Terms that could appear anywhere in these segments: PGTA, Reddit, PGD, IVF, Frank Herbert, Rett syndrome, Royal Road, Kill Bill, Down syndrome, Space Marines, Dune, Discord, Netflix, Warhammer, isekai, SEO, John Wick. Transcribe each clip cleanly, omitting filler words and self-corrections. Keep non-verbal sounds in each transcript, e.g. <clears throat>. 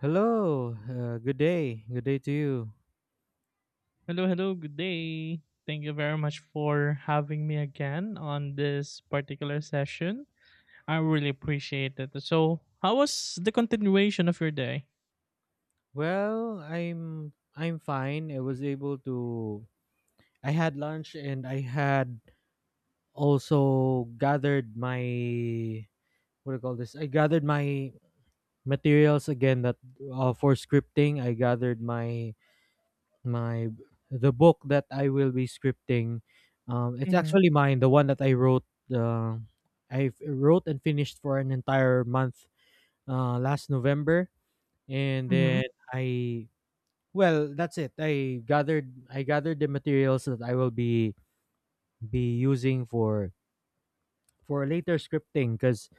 Hello. Good day. Good day to you. Hello, hello, good day. Thank you very much for having me again on this particular session. I really appreciate it. So, how was the continuation of your day? Well, I'm fine. I was able to I had lunch, and I had also gathered my what do you call this? I gathered my materials again that for scripting. I gathered my my the book that I will be scripting. It's Mhm, actually mine, the one that I wrote. Uh, I wrote and finished for an entire month, last November. And mhm. then I well, that's it. I gathered, the materials that I will be using for later scripting, because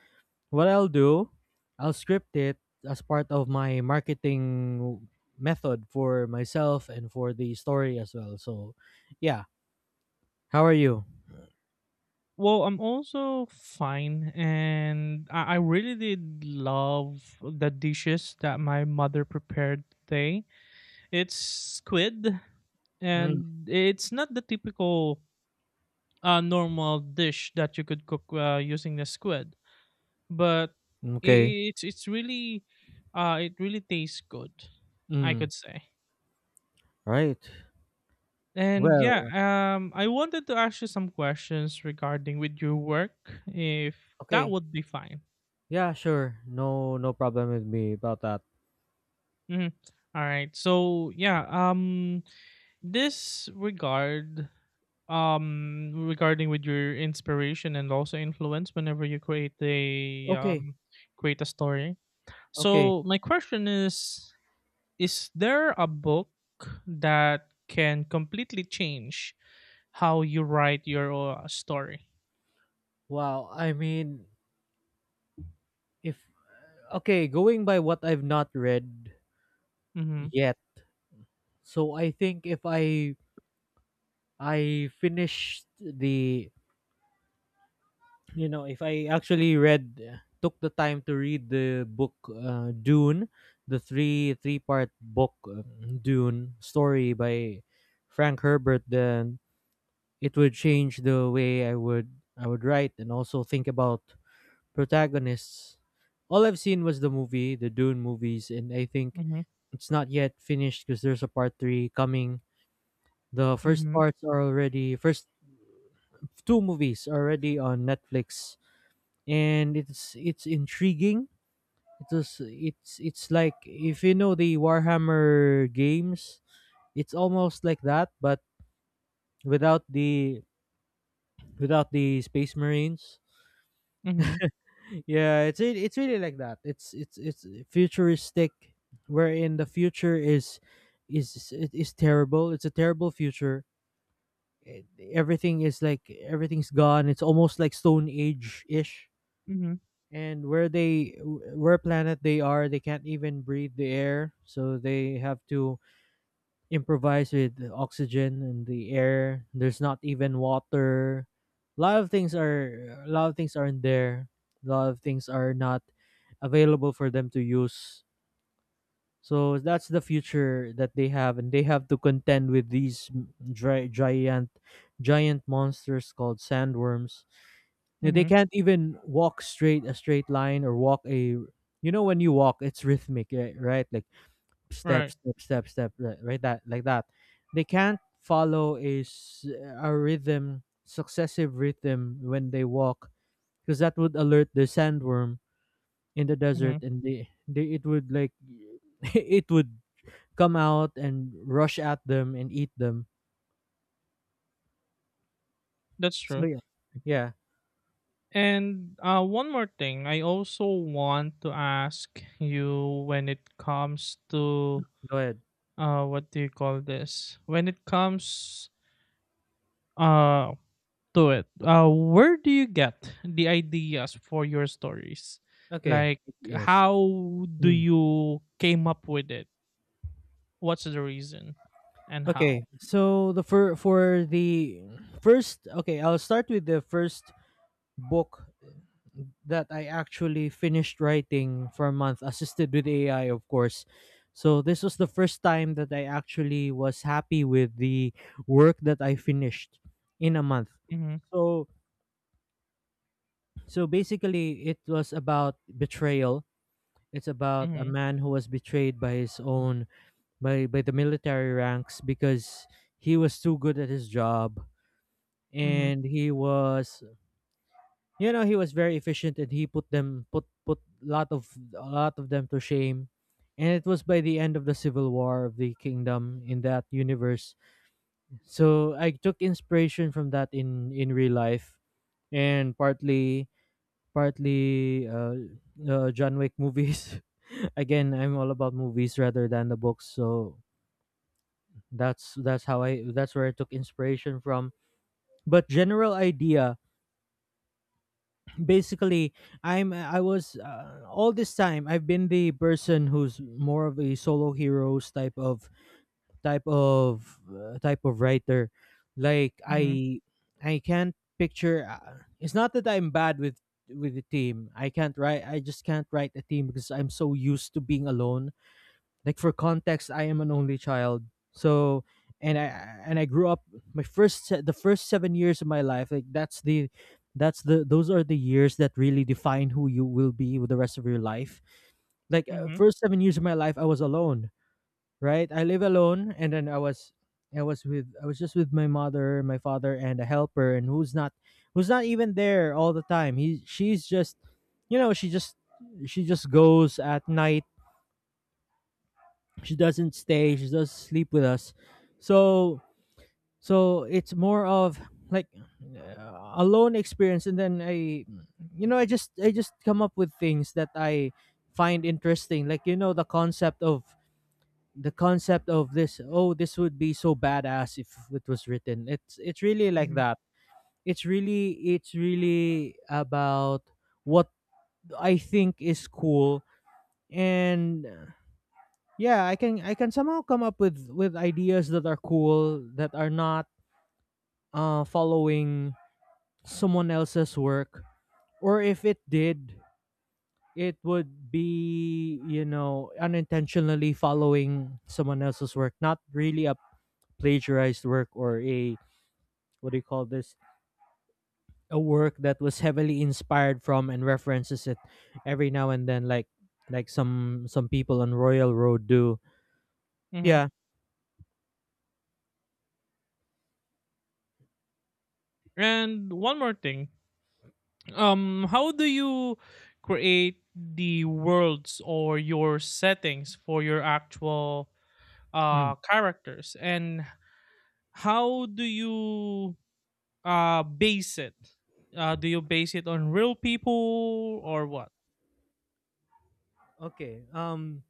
what I'll do, I'll script it as part of my marketing method for myself and for the story as well. So yeah, how are you? Well, I'm also fine, and I really did love the dishes that my mother prepared today. It's squid, Mm. and it's not the typical normal dish that you could cook using the squid, but Okay. I it's really it really tastes good, I Mm. could say. Right. And yeah, Well, I wanted to ask you some questions regarding with your work, if that okay. would be fine. Yeah, sure. No, no problem with me about that. Mhm. All right. So yeah, this regard, regarding with your inspiration and also influence whenever you create a Okay. um, create a story. Okay. So my question is there a book that can completely change how you write your story? Wow, I mean, if okay, going by what I've not read Mm-hmm. yet, so I think if I finished the— if I actually read took the time to read the book, Dune, the three part book, Dune story by Frank Herbert, then it would change the way I would write and also think about protagonists. All I've seen was the movie, the Dune movies, and I think Mm-hmm. it's not yet finished because there's a part three coming. The first Mm-hmm. parts are already first two movies are already on Netflix, and it's intriguing. It was it's like, if you know the Warhammer games, it's almost like that, but without the without the Space Marines. Mhm, Yeah, it's really like that. It's futuristic, wherein the future is terrible. It's a terrible future. Eh, Everything is like everything's gone. It's almost like Stone Age ish. mhm, And where planet they are, they can't even breathe the air, so they have to improvise with the oxygen and the air. There's not even water. A lot of things aren't there. A lot of things are not available for them to use. So that's the future that they have, and they have to contend with these dry, giant monsters called sandworms. You know, they mhm, can't even walk straight a straight line, or walk a— you know, when you walk, it's rhythmic, right? Like step, right, step, step, step, right, that— like that. They can't follow a rhythm successive rhythm when they walk, because that would alert the sandworm in the desert, mhm, and they it would, like, <laughs> it would come out and rush at them and eat them. that's So true. yeah. Yeah. And one more thing, I also want to ask you when it comes to Go ahead. What do you call this? When it comes uh to it, where do you get the ideas for your stories? Okay. Like, Yes. how do Mm. you came up with it? What's the reason and how? Okay, so the for the first okay, I'll start with the first book that I actually finished writing for a month, assisted with AI, of course. So this was the first time that I actually was happy with the work that I finished in a month. Mm-hmm, So so basically, it was about betrayal. It's about a mm-hmm, man who was betrayed by his own— by the military ranks, because he was too good at his job, mm-hmm, and he was you know, he was very efficient, and he put them put put lot of a lot of them to shame. And it was by the end of the civil war of the kingdom in that universe. So I took inspiration from that in real life, and partly John Wick movies. <laughs> Again, I'm all about movies rather than the books, so that's where I took inspiration from. But general idea, basically, I was, all this time I've been the person who's more of a solo heroes type of, writer. Like, mm-hmm, I can't picture— it's not that I'm bad with the team. I just can't write a team, because I'm so used to being alone. Like, for context, I am an only child. So, and I and I grew up— my the first 7 years of my life, like that's the— those are the years that really define who you will be with the rest of your life. Like, mm-hmm, first 7 years of my life I was alone, right? I live alone, and then I was just with my mother, my father, and a helper. And who's not even there all the time. He She's just— you know, she just she just goes at night. She doesn't stay. She does sleep with us. So, so it's more of, like, alone experience. And then I I just come up with things that I find interesting. Like, the concept of— this— oh, this would be so badass if it was written. It's really like mm-hmm, that. It's really about what I think is cool. And yeah, I can somehow come up with ideas that are cool, that are not following someone else's work. Or if it did, it would be, unintentionally following someone else's work. Not really a plagiarized work, or a— what do you call this— a work that was heavily inspired from and references it every now and then, like some people on Royal Road do. Mm-hmm. Yeah. And one more thing. How do you create the worlds or your settings for your actual Mm. Characters and how do you base it? Do you base it on real people or what? Okay.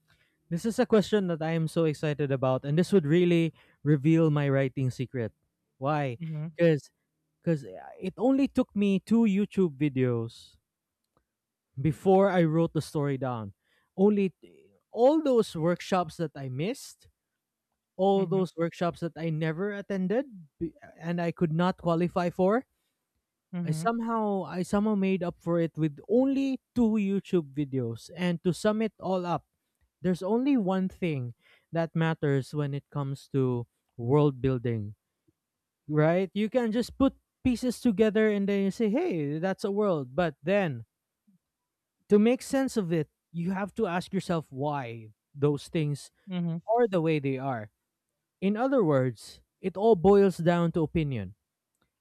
This is a question that I am so excited about, and this would really reveal my writing secret. Why? Mhm, Because because it only took me two YouTube videos before I wrote the story down. Only— all those workshops that I missed, all mhm, those workshops that I never attended, b- and I could not qualify for. Mhm, I somehow made up for it with only two YouTube videos. And to sum it all up, there's only one thing that matters when it comes to world building, right? You can just put pieces together and then you say, "Hey, that's a world." But then, to make sense of it, you have to ask yourself why those things mhm, are the way they are. In other words, it all boils down to opinion.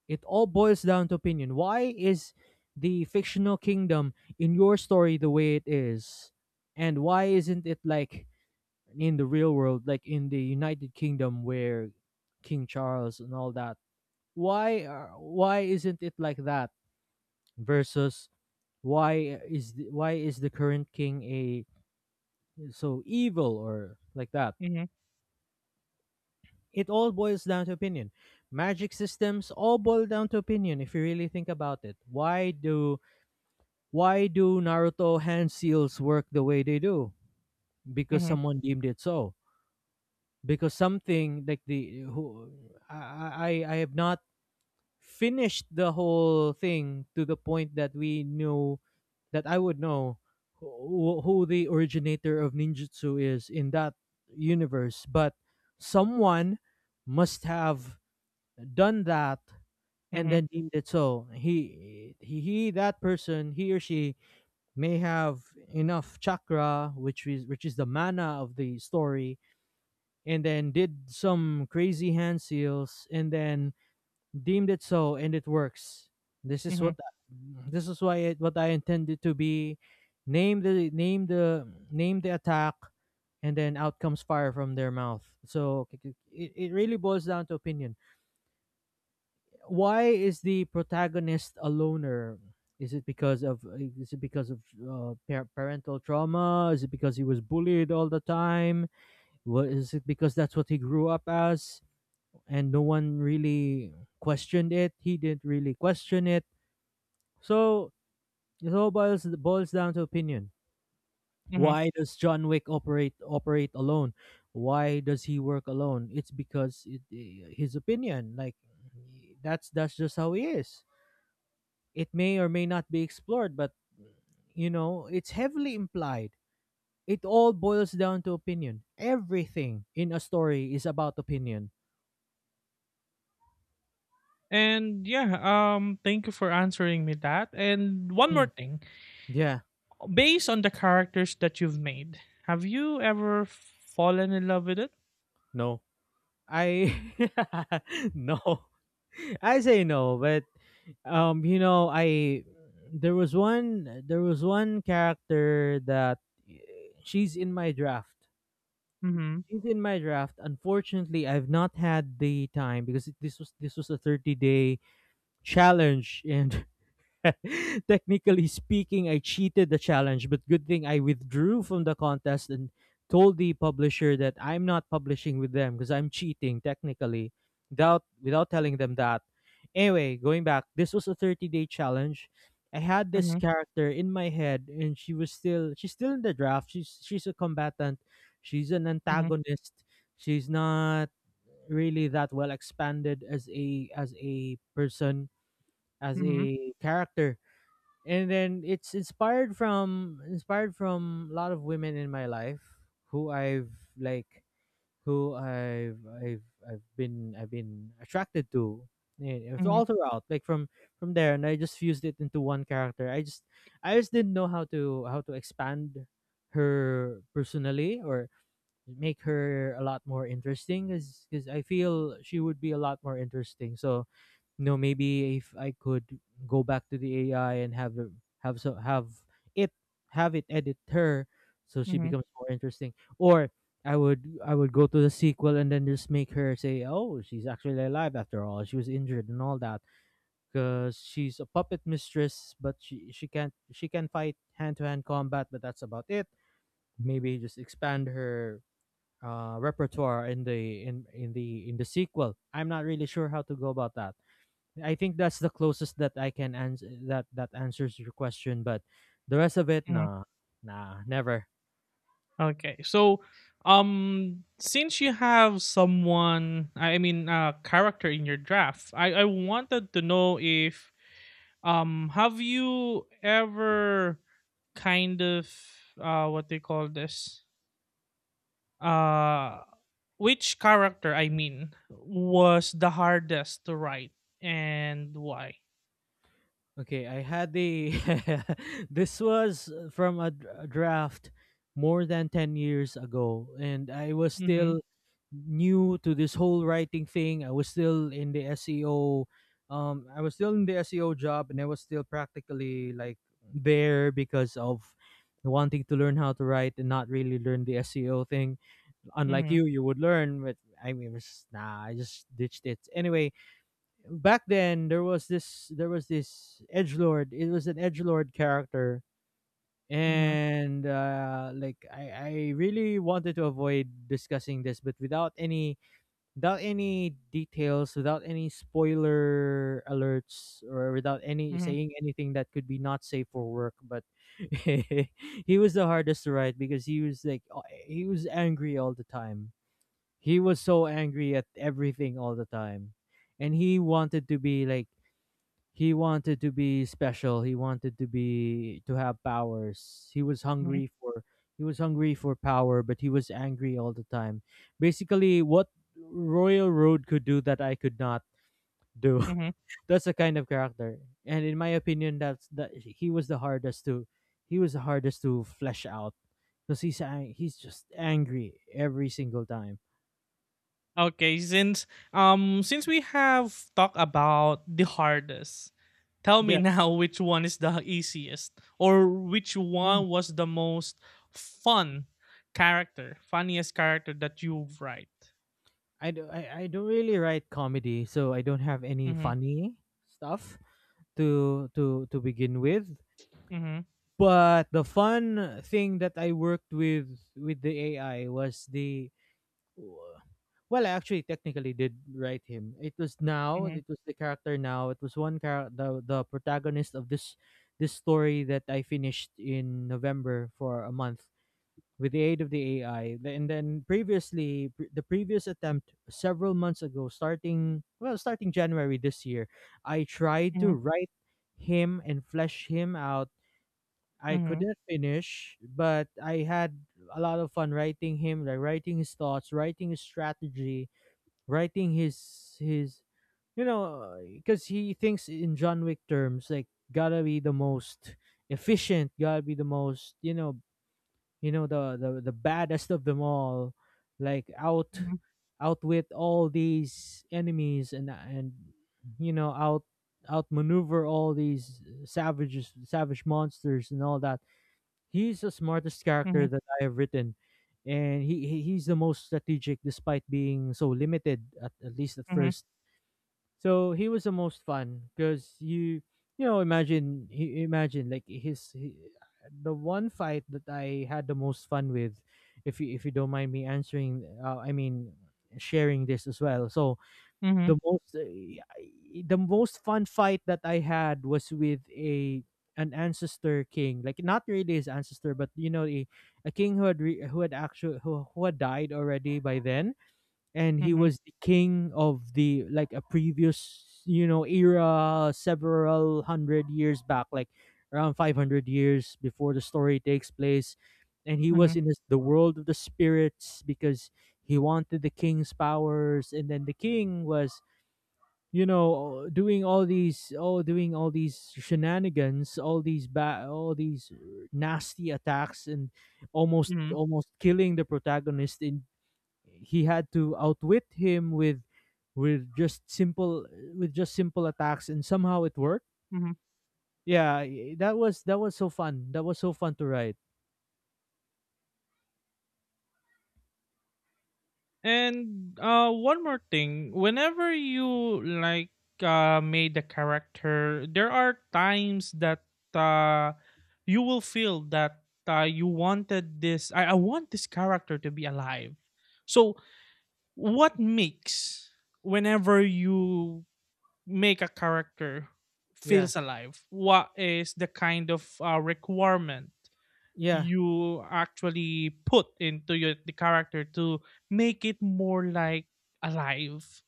It all boils down to opinion. Why is the fictional kingdom in your story the way it is? And why isn't it like in the real world, like in the United Kingdom where King Charles and all that? Why isn't it like that, versus why is the current king a so evil, or like that? mhm, It all boils down to opinion. Magic systems all boil down to opinion if you really think about it. Why do Naruto hand seals work the way they do? Because mhm, someone deemed it so. Because something like the— who I have not finished the whole thing to the point that we knew— that I would know who the originator of ninjutsu is in that universe, but someone must have done that, and mhm, then deemed it so. He, that person, he or she, may have enough chakra, which is the mana of the story, and then did some crazy hand seals, and then deemed it so, and it works. This is mhm, what this is why it what I intended to be. Name the attack, and then out comes fire from their mouth. So it really boils down to opinion. Why is the protagonist a loner? Is it because of is it because of, parental trauma? Is it because he was bullied all the time? What— is it because that's what he grew up as, and no one really questioned it? He didn't really question it. So it all boils down to opinion. mhm. Why does John Wick operate alone? Why does he work alone? It's because, his opinion, like that's just how he is. It may or may not be explored, but, it's heavily implied. It all boils down to opinion. Everything in a story is about opinion. And yeah, thank you for answering me that. And one more Mm. thing, Yeah. based on the characters that you've made, have you ever fallen in love with it? No. I <laughs> no. I say no, but I there was one— there was one character that, she's in my draft. Mhm. She's in my draft. Unfortunately, I've not had the time, because this was a 30-day challenge. And technically speaking, I cheated the challenge, but good thing I withdrew from the contest and told the publisher that I'm not publishing with them because I'm cheating, technically, without telling them that. Anyway, going back, this was a 30-day challenge. I had this Mhm. character in my head, and she's still in the draft. She's a combatant. She's an Mhm. antagonist. She's not really that well expanded as a person, as Mhm. a character, and then it's inspired from a lot of women in my life who I've like who I've been attracted to, it's Mhm. all throughout, like from there, and I just fused it into one character. I just didn't know how to expand her personally, or make her a lot more interesting because I feel she would be a lot more interesting. So no, maybe if I could go back to the AI and have so have it have it edit her so she Mhm. becomes more interesting. Or I would go to the sequel and then just make her say, "Oh, she's actually alive after all. She was injured and all that," because she's a puppet mistress, but she can't she can fight hand to hand combat, but that's about it. Maybe just expand her repertoire in the sequel. I'm not really sure how to go about that. I think that's the closest that I can answer, that answers your question. But the rest of it, Mhm. nah, nah, never. Okay. So, since you have someone, I mean, a character in your draft, I wanted to know if have you ever kind of what they call this? uh which character, I mean, was the hardest to write, and why? Okay, I had the <laughs> this was from a draft more than 10 years ago, and I was Mm-hmm, still new to this whole writing thing. I was still in the SEO, I was still in the SEO job, and I was still practically like there because of wanting to learn how to write and not really learn the SEO thing, unlike mm-hmm, you, you would learn. But I mean, it, nah, I just ditched it. Anyway, back then there was this edge lord. It was an edge lord character, mm-hmm, and like I really wanted to avoid discussing this, but without any, details, without any spoiler alerts, or without any mm-hmm, saying anything that could be not safe for work. But <laughs> he was the hardest to write because he was he was angry all the time, he was so angry at everything all the time. And he wanted to be like, he wanted to be special. He wanted to have powers. He was mm-hmm, hungry for power, but he was angry all the time. Basically what Royal Road could do that I could not do. mm-hmm. <laughs> That's the kind of character. And in my opinion, that's that he was the hardest to flesh out because he's just angry every single time. Okay, since we have talked about the hardest, tell me <laughs> Yeah. now which one is the easiest, or which one was the most fun character, funniest character that you've write? I don't really write comedy, so I don't have any Mm-hmm, funny stuff to begin with. mm-hmm, But the fun thing that I worked with the AI was the, well, I actually technically did write him. It was now, mm-hmm, it was the character now. It was one character, the protagonist of this story that I finished in November for a month with the aid of the AI. And then previously, the previous attempt several months ago, starting, well, starting January this year, I tried to mm-hmm, write him and flesh him out. I mm-hmm, couldn't finish, but I had a lot of fun writing him, like writing his thoughts, writing his strategy, writing you know, because he thinks in John Wick terms, like gotta be the most efficient, gotta be the most, you know, the baddest of them all, like mm-hmm, outwit all these enemies, and you know out outmaneuver all these savage monsters and all that. He's the smartest character mm-hmm, that I have written, and he's the most strategic despite being so limited, at least at mm-hmm, first. So he was the most fun because you imagine, like the one fight that I had the most fun with, if you don't mind me answering, I mean sharing this as well. So mm-hmm, the most uh, the most fun fight that I had was with a, an ancestor king, like not really his ancestor, but you know a king who had actually who had died already by then, and he mm-hmm. was the king of the, like a previous, you know, era several hundred years back, like around 500 years before the story takes place. And he was Mhm, in this, the world of the spirits, because he wanted the king's powers. And then the king was, you know, doing all these oh doing all these shenanigans, all all these nasty attacks, and mhm, almost killing the protagonist. In, he had to outwit him with with just simple with just simple attacks and somehow it worked. mhm. Yeah, that was so fun, that was so fun to write. And one more thing, whenever you like made the character, there are times that uh, you will feel that you wanted this. I want this character to be alive. So, what makes whenever you make a character Yeah, feels alive? What is the kind of requirement yeah, you actually put into your the character to make it more like alive?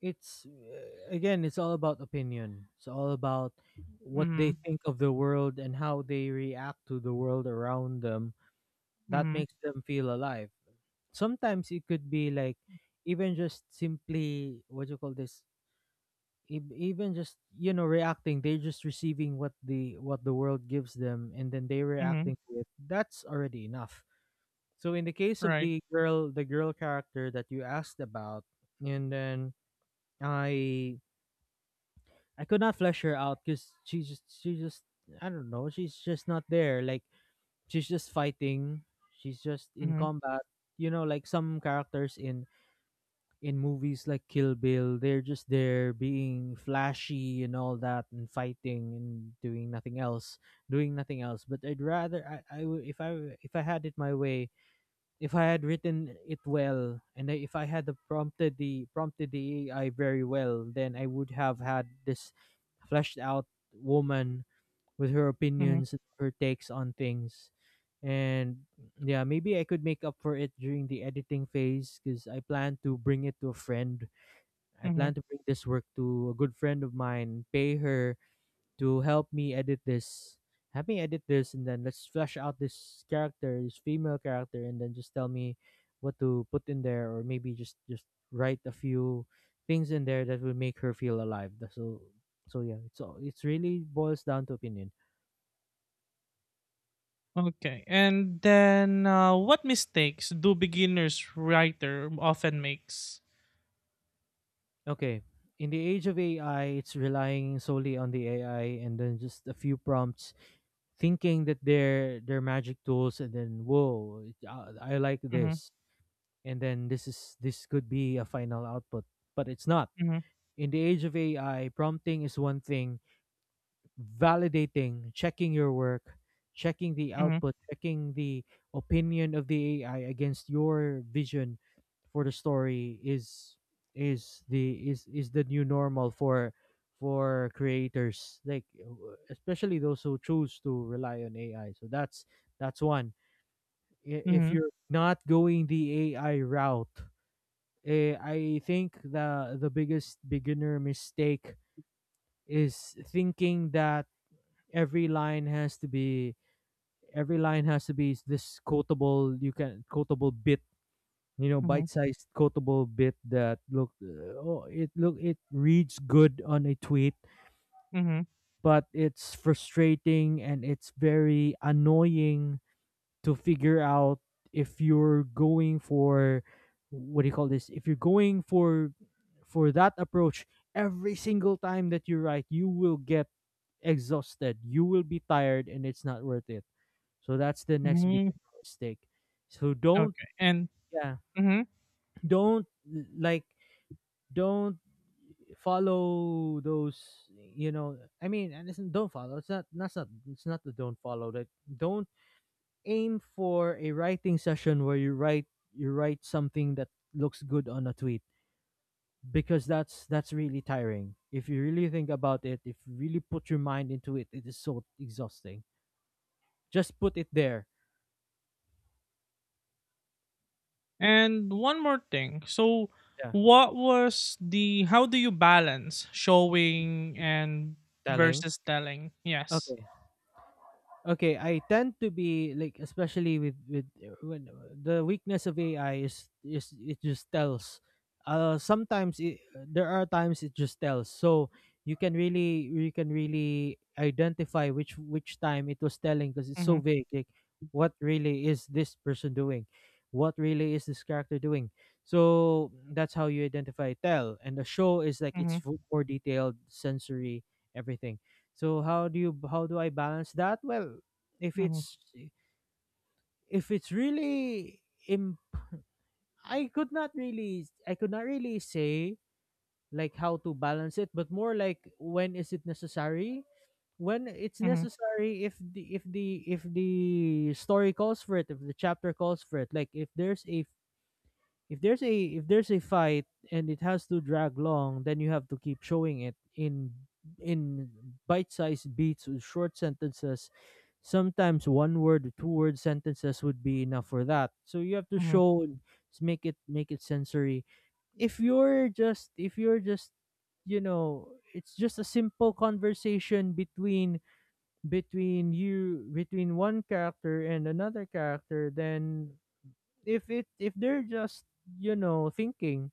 it's again it's all about opinion, it's all about what they Mm-hmm. think of the world and how they react to the world around them, that Mm-hmm. makes them feel alive. Sometimes it could be like, even just simply, what do you call this, even just, you know, reacting, they're just receiving what the world gives them, and then they Mm-hmm. reacting to it, that's already enough. So in the case of Right. the girl, the girl character that you asked about, and then i I could not flesh her out because she just, I don't know, she's just not there, like she's just fighting, she's just in Mm-hmm. combat. You know, like some characters in movies like Kill Bill, they're just there being flashy and all that and fighting and doing nothing else, doing nothing else. But I'd rather, I would, if I, if I had it my way, if I had written it well, and if I had the prompted the prompted the AI very well, then I would have had this fleshed out woman with her Mm-hmm. opinions, her takes on things. And yeah, maybe I could make up for it during the editing phase because I plan to bring it to a friend. I Mm-hmm. plan to bring this work to a good friend of mine, pay her to help me edit this. Have me edit this, and then let's flesh out this character, this female character, and then just tell me what to put in there, or maybe just write a few things in there that will make her feel alive. That's, so, so yeah, it's all, it's really boils down to opinion. Okay. And then what mistakes do beginners writer often makes? Okay. In the age of AI, it's relying solely on the AI and then just a few prompts, thinking that they're magic tools, and then whoa, I like Mm-hmm. this, and then this could be a final output, but it's not. Mm-hmm. In the age of AI, prompting is one thing, validating, checking your work, checking the Mm-hmm. output, checking the opinion of the AI against your vision for the story is, is the new normal for creators, like especially those who choose to rely on AI. So that's one. If Mm-hmm. you're not going the AI route, I think the biggest beginner mistake is thinking that every line has to be every line has to be this quotable, you can quotable bit, you know, Mm-hmm. bite-sized quotable bit that look, it reads good on a tweet, Mm-hmm. but it's frustrating and it's very annoying to figure out, if you're going for, what do you call this, if you're going for that approach. Every single time that you write you will get exhausted, you will be tired, and it's not worth it. So that's the next Mm-hmm. biggest mistake. So don't, Okay. And yeah, hmm <clears throat> don't, like, don't follow those, you know, I mean, and listen, don't follow, it's not, that's not, it's not the, don't follow that, don't aim for a writing session where you write something that looks good on a tweet, because that's really tiring. If you really think about it, if you really put your mind into it, it is so exhausting. Just put it there. and one more thing. So, Yeah. what was the how do you balance showing and Telling. versus telling? Yes. Okay. Okay, I tend to be like, especially with when the weakness of AI is, it just tells, sometimes there are times it just tells. So you can really, you can really identify which time it was telling, because it's so Mhm. vague, like what really is this person doing, what really is this character doing, so that's how you identify tell. And the show is like, it's Mhm. more detailed, sensory, everything. So how do you, how do I balance that? Well, if Mhm. it's if it's really im- I could not really, I could not really say like how to balance it, but more like when is it necessary? When it's Mhm. necessary, if the story calls for it, if the chapter calls for it, like if there's a fight and it has to drag long, then you have to keep showing it in in bite-sized beats with short sentences. Sometimes one word, two word sentences would be enough for that, so you have to Mhm. show and make it sensory if you're just, you know, it's just a simple conversation between between you between one character and another character, then if it, if they're just, you know, thinking,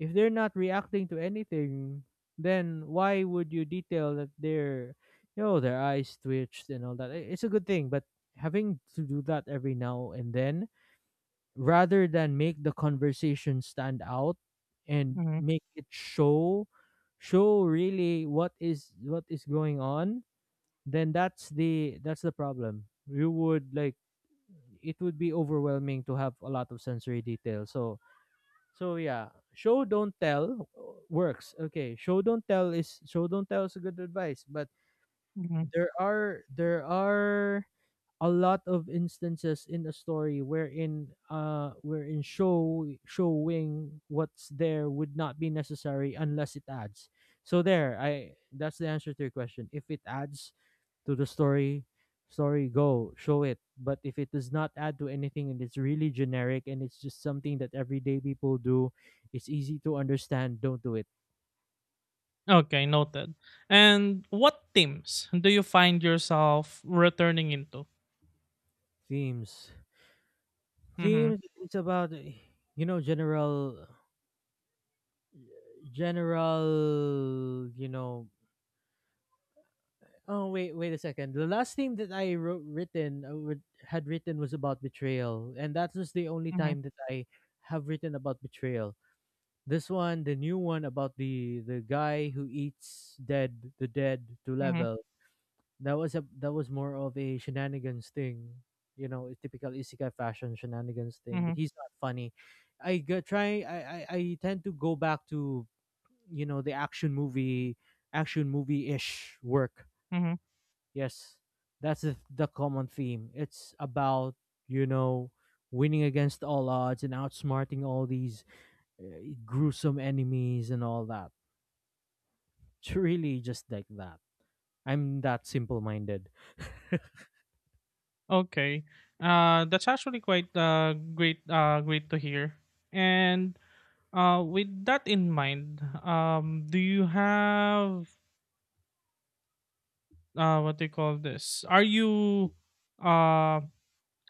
if they're not reacting to anything, then why would you detail that their, you know, their eyes twitched and all that? It's a good thing, but having to do that every now and then rather than make the conversation stand out and Mhm. make it show, show really what is going on, then that's the problem. You would like, it would be overwhelming to have a lot of sensory detail. So yeah, show don't tell works. Okay, show don't tell is a good advice, but Mhm. there are a lot of instances in a story wherein wherein showing what's there would not be necessary unless it adds. So there, I that's the answer to your question. If it adds to the story, go show it. But if it does not add to anything and it's really generic and it's just something that everyday people do, it's easy to understand, don't do it. Okay, noted. And what teams do you find yourself returning into? Themes, Mm-hmm. themes, it's about, you know, general, general, you know, oh wait, wait a second, the last thing that I wrote, written, had written, was about betrayal, and that was the only Mm-hmm. time that I have written about betrayal. This one, the new one about the guy who eats dead, the dead to Mm-hmm. level. That was a that was more of a shenanigans thing, you know, a typical isekai fashion shenanigans thing. But Mm-hmm. he's not funny. I go, try. I tend to go back to, you know, the action movie, action movie ish work. Mm-hmm. Yes, that's the common theme. It's about, you know, winning against all odds and outsmarting all these, uh, gruesome enemies and all that. It's really just like that. I'm that simple minded. Okay. That's actually quite great great to hear. And with that in mind, do you have what do you call this? Are you uh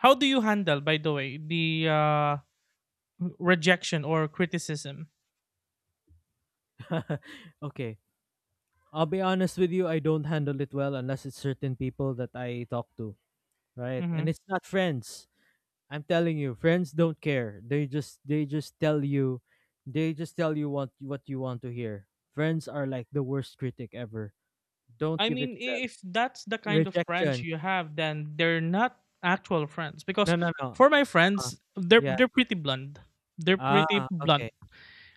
how do you handle, by the way, the rejection or criticism? <laughs> okay. I'll be honest with you, I don't handle it well unless it's certain people that I talk to. Right? Mm-hmm. And it's not friends. I'm telling you, friends don't care. They just tell you, what you want to hear. Friends are like the worst critic ever. Don't I give it mean, to them. I- if that's the kind of friends Rejection. you have, then they're not actual friends. Because No, no, no. for my Uh, friends, they're yeah. they're pretty blunt. They're pretty Ah, okay. blunt.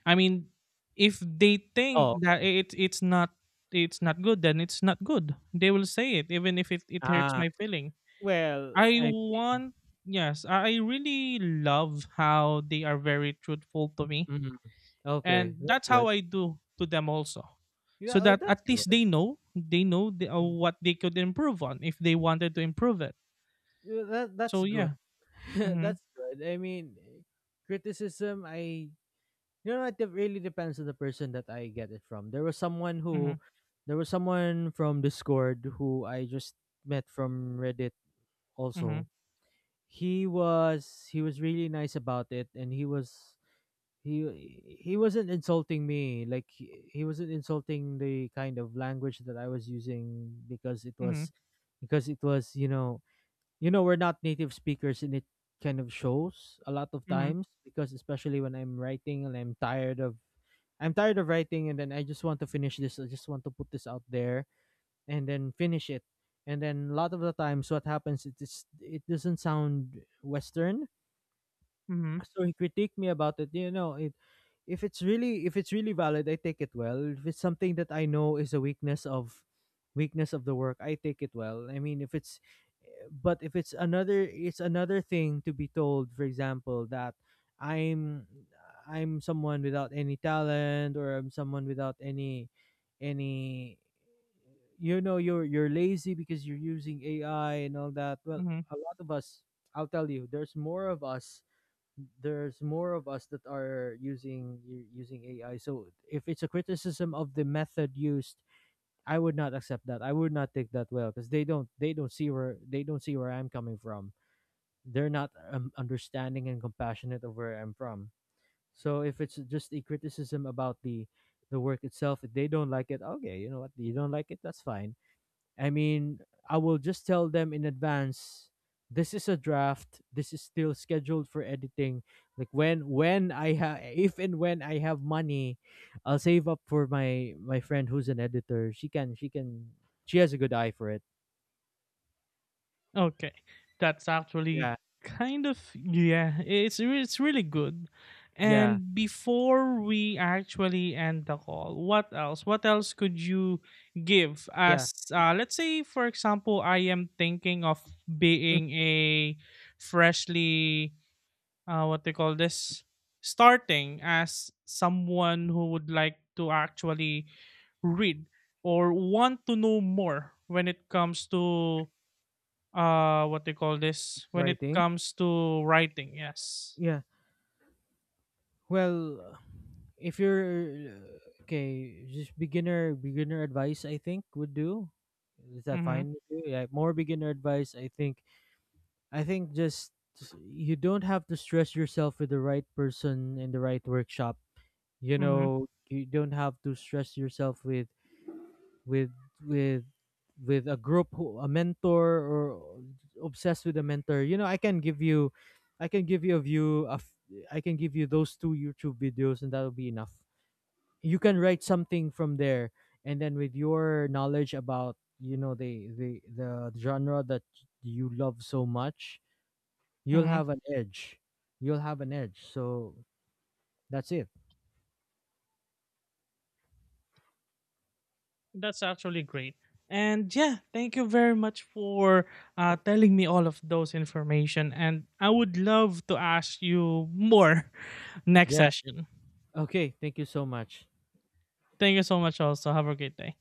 I mean, if they Oh, think that okay. I- it's not it's not good, then it's not good. They will say it, even if it hurts Ah, my feeling. well, I I, want Yes, I really love how they are very truthful to me, mm, okay. and That's that's good. how I do to them also, Yeah, so oh, that that's at least good. They know the, what they could improve on if they wanted to improve it. Yeah, that that's So good. yeah. <laughs> Mm-hmm. that's good. I mean, eh, criticism. I, you know, it really depends on the person that I get it from. There was someone Mm-hmm. who, there was someone from Discord who I just met from Reddit. Mm-hmm. Also, he was really nice about it, and he was, he he wasn't insulting me. Like he wasn't insulting the kind of language that I was using because it Mm-hmm. was because it was, you know, we're not native speakers, and it kind of shows a lot of Mm-hmm. times because especially when I'm writing and I'm tired of writing, and then I just want to finish this, I just want to put this out there and then finish it. And then a lot of the times what happens, it is, it doesn't sound western. Mm-hmm. So he critiqued me about it, you know. If it's really valid, I take it well. If it's something that I know is a weakness of, the work, I take it well. I mean, if it's, but if it's another, it's another thing to be told, for example, that i'm I'm someone without any talent, or I'm someone without any any you know, you're lazy because you're using AI and all that. Well, Mm-hmm. a lot of us, I'll tell you, there's more of us that are using using AI. So if it's a criticism of the method used, I would not accept that. I would not take that well because they don't see where, I'm coming from. They're not understanding and compassionate of where I'm from. So if it's just a criticism about the work itself, if they don't like it, okay, you know what, you don't like it, that's fine. I mean, I will just tell them in advance, this is a draft. This is still scheduled for editing. Like when I have, if and when I have money, I'll save up for my friend who's an editor. She can, she has a good eye for it. Okay, that's actually Yeah, kind of yeah. It's re- it's really good. yeah, And before we actually end the call, what else? What else could you give yeah. as let's say for example, I am thinking of Mm, being a freshly what they call this, starting as someone who would like to actually read or want to know more when it comes to what they call this, when it writing. comes to writing? Yes. Yeah. Well, if you're, okay, just beginner, advice I think would do. Is that Mm-hmm. fine with you? Yeah, more beginner advice I think, just you don't have to stress yourself with the right person in the right workshop. You Mm-hmm. know, you don't have to stress yourself with with with a group who, a mentor, or obsessed with a mentor. You know, I can give you a view of, I can give you those two YouTube videos, and that'll be enough. You can write something from there, and then with your knowledge about, you know, the genre that you love so much, you'll Mm-hmm. have an edge. So that's it. That's actually great, and yeah, thank you very much for telling me all of those information, and I would love to ask you more <laughs> next Yeah. session. Okay. Thank you so much. Thank you so much. Also, have a great day.